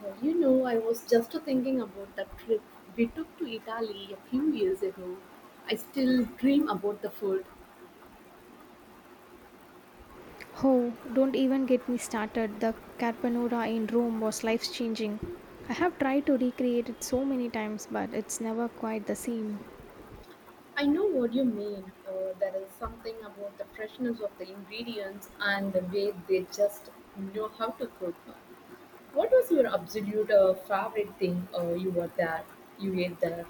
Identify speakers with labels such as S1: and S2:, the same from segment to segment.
S1: Well, you know, I was just thinking about that trip we took to Italy a few years ago. I still dream about the food.
S2: Oh, don't even get me started. The Carbonara in Rome was life changing. I have tried to recreate it so many times, but it's never quite the same.
S1: I know what you mean. There is something about the freshness of the ingredients and the way they just know how to cook. What was your absolute favorite thing you were there? You ate there?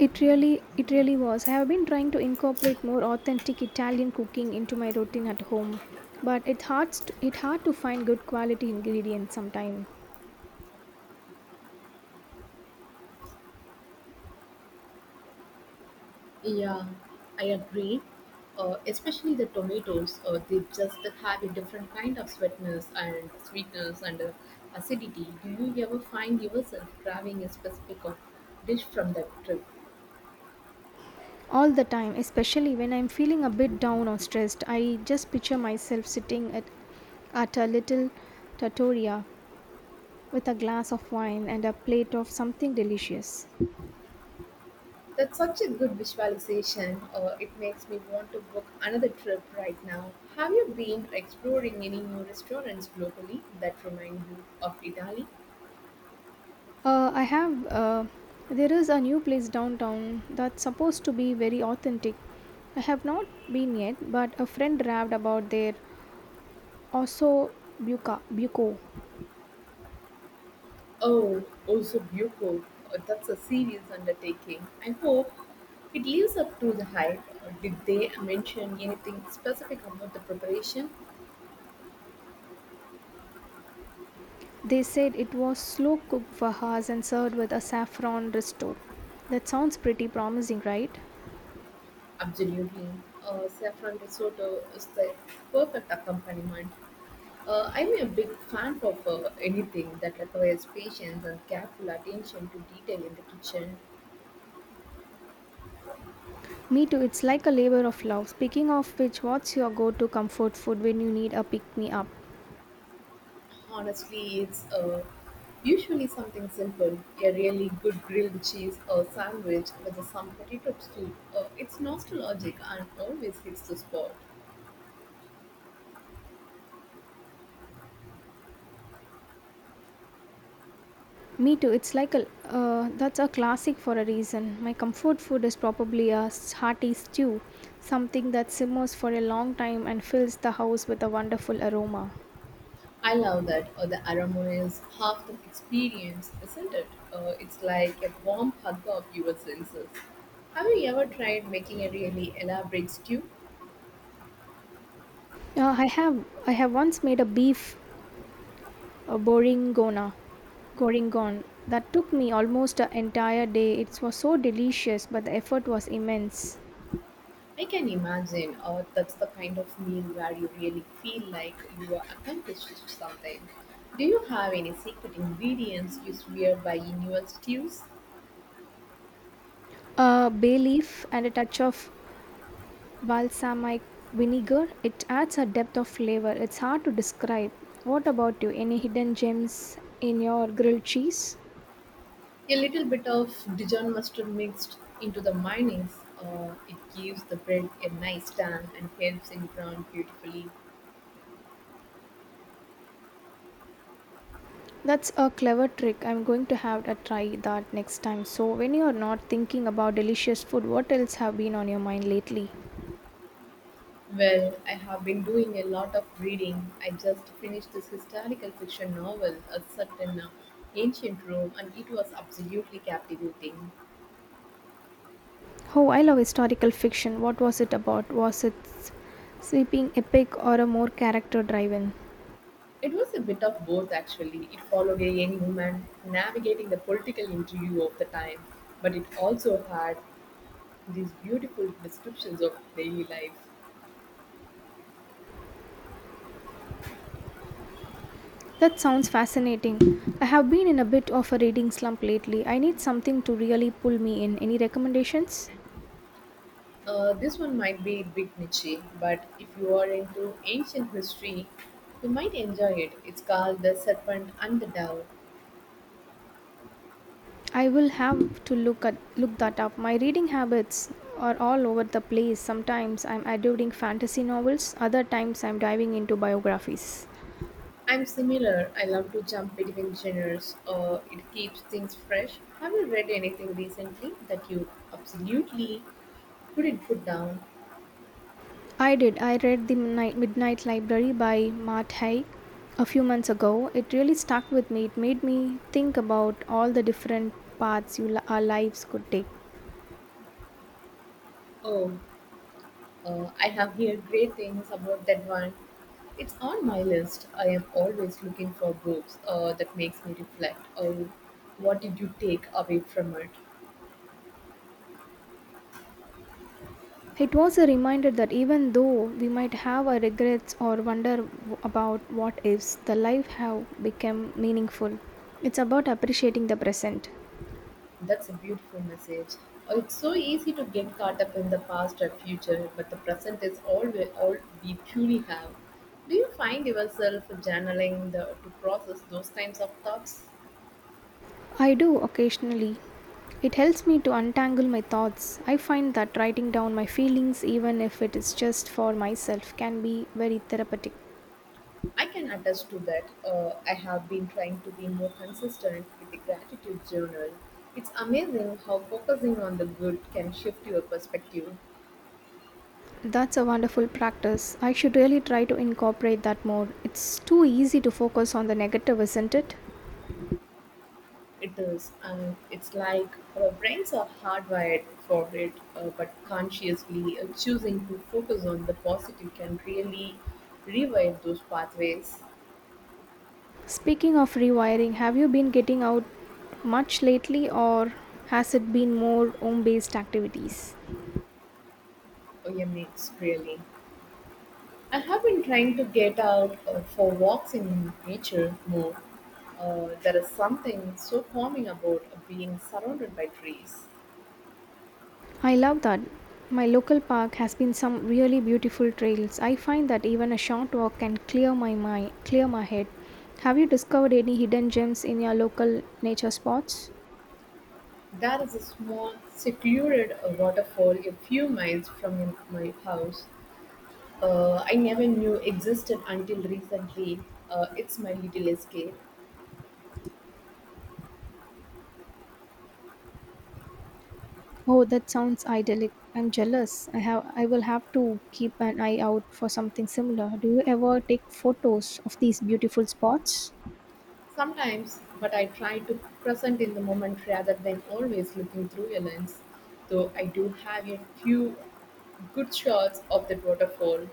S2: It really was. I have been trying to incorporate more authentic Italian cooking into my routine at home, but it's hard, it hard to find good quality ingredients sometime.
S1: Yeah, I agree. Especially the tomatoes, they just have a different kind of sweetness and sweetness and acidity. Do you ever find yourself grabbing a specific dish from that trip?
S2: All the time, especially when I'm feeling a bit down or stressed, I just picture myself sitting at a little trattoria with a glass of wine and a plate of something delicious.
S1: That's such a good visualization. It makes me want to book another trip right now. Have you been exploring any new restaurants locally that remind you of Italy?
S2: I have. There is a new place downtown that's supposed to be very authentic. I have not been yet, but a friend raved about their osso buco.
S1: Oh, Ozubuko, that's a serious undertaking. I hope it lives up to the hype. Did they mention anything specific about the preparation?
S2: They said it was slow cooked for hours and served with a saffron risotto. That sounds pretty promising, right?
S1: Absolutely. Saffron risotto is the perfect accompaniment. I'm a big fan of anything that requires patience and careful attention to detail in the kitchen.
S2: Me too, it's like a labor of love. Speaking of which, what's your go to comfort food when you need a pick me up?
S1: Honestly, it's usually something simple, a really good grilled cheese or sandwich with some potato stew. It's nostalgic and always hits the spot.
S2: Me too. It's like a that's a classic for a reason. My comfort food is probably a hearty stew, something that simmers for a long time and fills the house with a wonderful aroma.
S1: I love that, the aroma is half the experience, isn't it? It's like a warm hug of your senses. Have you ever tried making a really elaborate stew?
S2: I have once made a beef a goringon that took me almost an entire day. It was so delicious, but the effort was immense.
S1: I can imagine, or that's the kind of meal where you really feel like you are accomplished something. Do you have any secret ingredients you swear by in your stews?
S2: A bay leaf and a touch of Balsamic vinegar, it adds a depth of flavor. It's hard to describe. What about you? Any hidden gems in your grilled cheese?
S1: A little bit of Dijon mustard mixed into the mayonnaise, it gives the bread a nice tan and helps in brown beautifully.
S2: That's a clever trick. I'm going to have a try that next time. So, when you are not thinking about delicious food, what else have been on your mind lately?
S1: Well, I have been doing a lot of reading. I just finished this historical fiction novel, a certain ancient Rome, and it was absolutely captivating.
S2: Oh, I love historical fiction. What was it about? Was it sweeping epic or a more character driven?
S1: It was a bit of both actually. It followed a young woman navigating the political intrigue of the time, but it also had these beautiful descriptions of daily life.
S2: That sounds fascinating. I have been in a bit of a reading slump lately. I need something to really pull me in. Any recommendations?
S1: This one might be a bit niche, but if you are into ancient history, you might enjoy it. It's called The Serpent and the Dove.
S2: I will have to look that up. My reading habits are all over the place. Sometimes I'm adoring fantasy novels, other times I'm diving into biographies.
S1: I'm similar. I love to jump between genres. It keeps things fresh. Have you read anything recently that you absolutely couldn't put down?
S2: I did. I read The Midnight Library by Matt Haig a few months ago. It really stuck with me. It made me think about all the different our lives could take.
S1: Oh. I have heard great things about that one. It's on my list. I am always looking for books that makes me reflect. Oh, what did you take away from it?
S2: It was a reminder that even though we might have our regrets or wonder about what ifs, the life have become meaningful. It's about appreciating the present.
S1: That's a beautiful message. It's so easy to get caught up in the past or future, but the present is all we truly have. Do you find yourself journaling the, to process those kinds of thoughts?
S2: I do occasionally. It helps me to untangle my thoughts. I find that writing down my feelings, even if it is just for myself, can be very therapeutic.
S1: I can attest to that. I have been trying to be more consistent with the gratitude journal. It's amazing how focusing on the good can shift your perspective.
S2: That's a wonderful practice. I should really try to incorporate that more. It's too easy to focus on the negative, isn't it?
S1: It is, and it's like our brains are hardwired for it, but consciously choosing to focus on the positive can really rewire those pathways.
S2: Speaking of rewiring, have you been getting out much lately or has it been more home based activities?
S1: Oh, yeah, mates, really. I have been trying to get out for walks in nature more. There is something so calming about being surrounded by trees.
S2: I love that. My local park has been some really beautiful trails. I find that even a short walk can clear my head. Have you discovered any hidden gems in your local nature spots?
S1: There is a small, secluded waterfall a few miles from my house. I never knew existed until recently. It's my little escape.
S2: Oh, that sounds idyllic. I'm jealous. I will have to keep an eye out for something similar. Do you ever take photos of these beautiful spots?
S1: Sometimes, but I try to present in the moment rather than always looking through a lens. Though I do have a few good shots of that waterfall.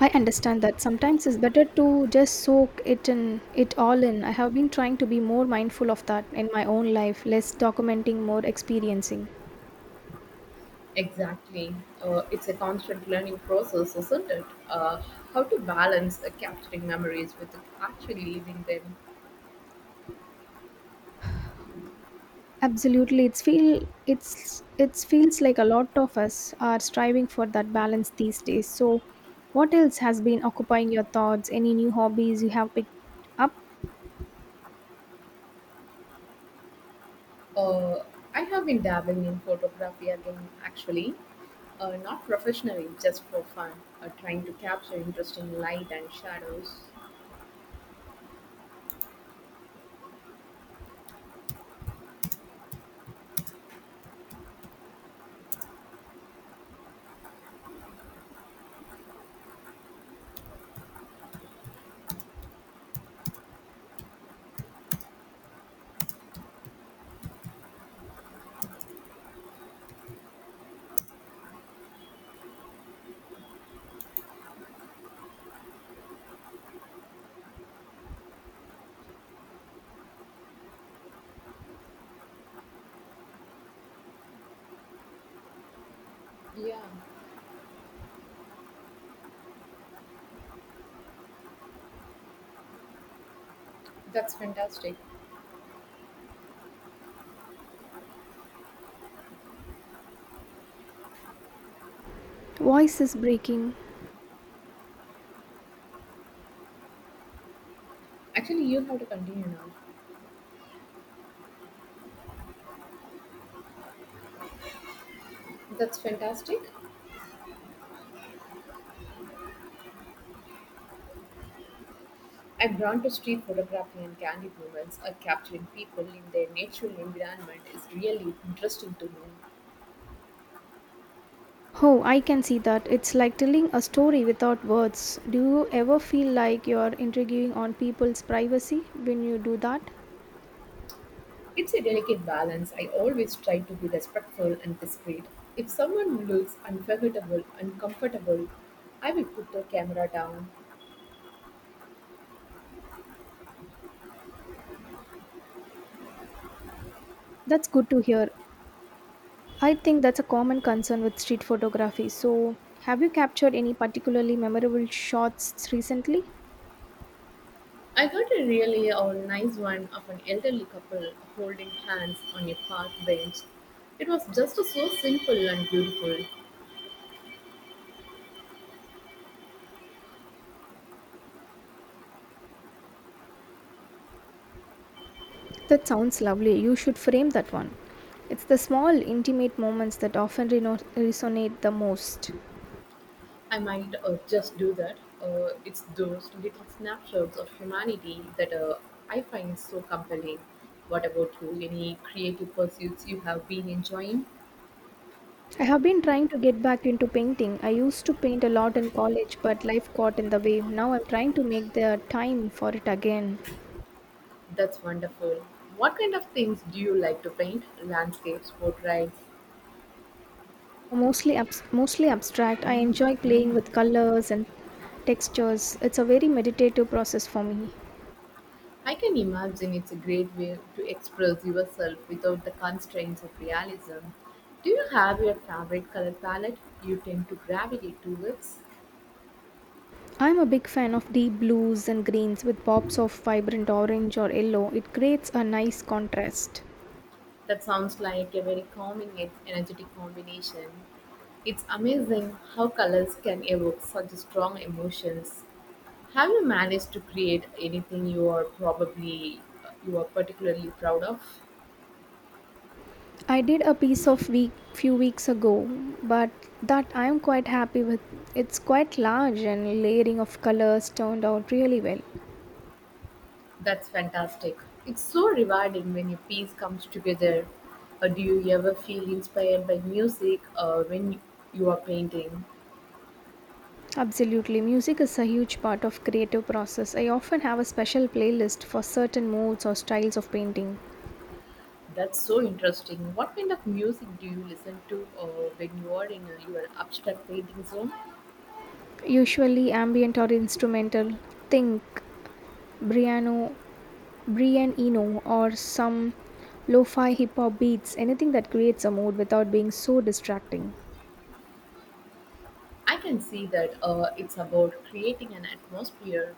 S2: I understand that sometimes it's better to just soak it in it all in. I have been trying to be more mindful of that in my own life, less documenting, more experiencing.
S1: Exactly. It's a constant learning process, isn't it? How to balance capturing memories with actually living them.
S2: Absolutely, it's feel it's it feels like a lot of us are striving for that balance these days. So, what else has been occupying your thoughts? Any new hobbies you have picked up?
S1: Uh, I have been dabbling in photography again, actually, not professionally, just for fun, trying to capture interesting light and shadows. Yeah, that's fantastic.
S2: Voice is breaking.
S1: Actually, you have to continue now. That's fantastic. I'm drawn to street photography and candid moments. Capturing people in their natural environment is really interesting to me.
S2: Oh, I can see that. It's like telling a story without words. Do you ever feel like you're intriguing on people's privacy when you do that?
S1: It's a delicate balance. I always try to be respectful and discreet. If someone looks unforgettable, uncomfortable, I will put the camera down.
S2: That's good to hear. I think that's a common concern with street photography. So, have you captured any particularly memorable shots recently?
S1: I got a really nice one of an elderly couple holding hands on a park bench. It was just so simple and beautiful.
S2: That sounds lovely. You should frame that one. It's the small, intimate moments that often resonate the most.
S1: I might just do that. It's those little snapshots of humanity that I find so compelling. What about you? Any creative pursuits you have been enjoying?
S2: I have been trying to get back into painting. I used to paint a lot in college, but life got in the way. Now I'm trying to make the time for it again.
S1: That's wonderful. What kind of things do you like to paint? Landscapes, portraits?
S2: Mostly abstract. I enjoy playing with colors and textures. It's a very meditative process for me.
S1: I can imagine it's a great way to express yourself without the constraints of realism. Do you have your favorite color palette you tend to gravitate towards?
S2: I'm a big fan of deep blues and greens with pops of vibrant orange or yellow. It creates a nice contrast.
S1: That sounds like a very calming yet energetic combination. It's amazing how colors can evoke such strong emotions. Have you managed to create anything you are particularly proud of?
S2: I did a piece of week few weeks ago, but that I am quite happy with. It's quite large and layering of colors turned out really well.
S1: That's fantastic. It's so rewarding when a piece comes together. Do you ever feel inspired by music when you are painting?
S2: Absolutely, music is a huge part of creative process. I often have a special playlist for certain moods or styles of painting.
S1: That's so interesting. What kind of music do you listen to when you are in your abstract painting zone?
S2: Usually ambient or instrumental. Think Briano, Brian Eno or some lo-fi hip hop beats, anything that creates a mood without being so distracting.
S1: I can see that, it's about creating an atmosphere.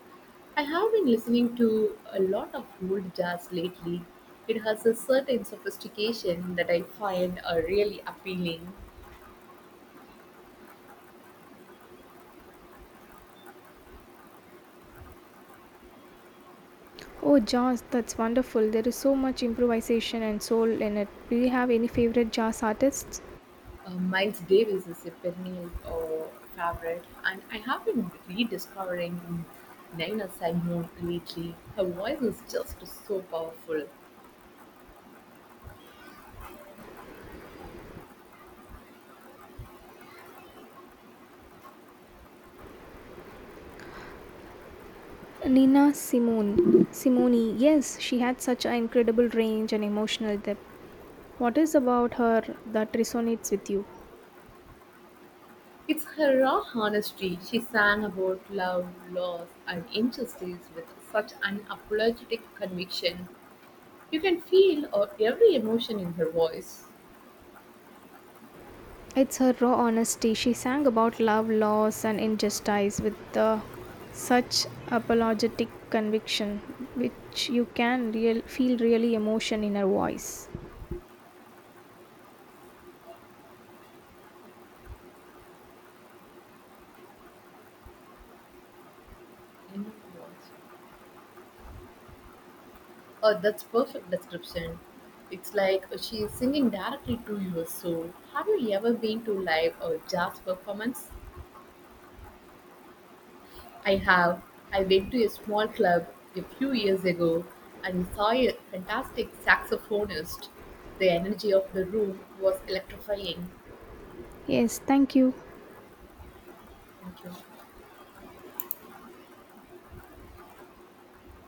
S1: I have been listening to a lot of old jazz lately. It has a certain sophistication that I find really appealing.
S2: Oh, jazz, that's wonderful. There is so much improvisation and soul in it. Do you have any favorite jazz artists?
S1: Miles Davis is a perennial favorite, and I have been rediscovering Nina Simone lately. Her voice is just so powerful.
S2: Nina Simone, yes, she had such an incredible range and emotional depth. What is about her that resonates with you?
S1: It's her raw honesty. She sang about love, loss, and injustice with such an apologetic conviction. You can feel every emotion in her voice.
S2: It's her raw honesty. She sang about love, loss, and injustice with such apologetic conviction, which you can feel really emotion in her voice.
S1: In her voice. Oh, that's perfect description. It's like she is singing directly to your soul. Have you ever been to live or jazz performance? I have. I went to a small club a few years ago and saw a fantastic saxophonist. The energy of the room was electrifying.
S2: Yes, thank you.
S1: Thank you.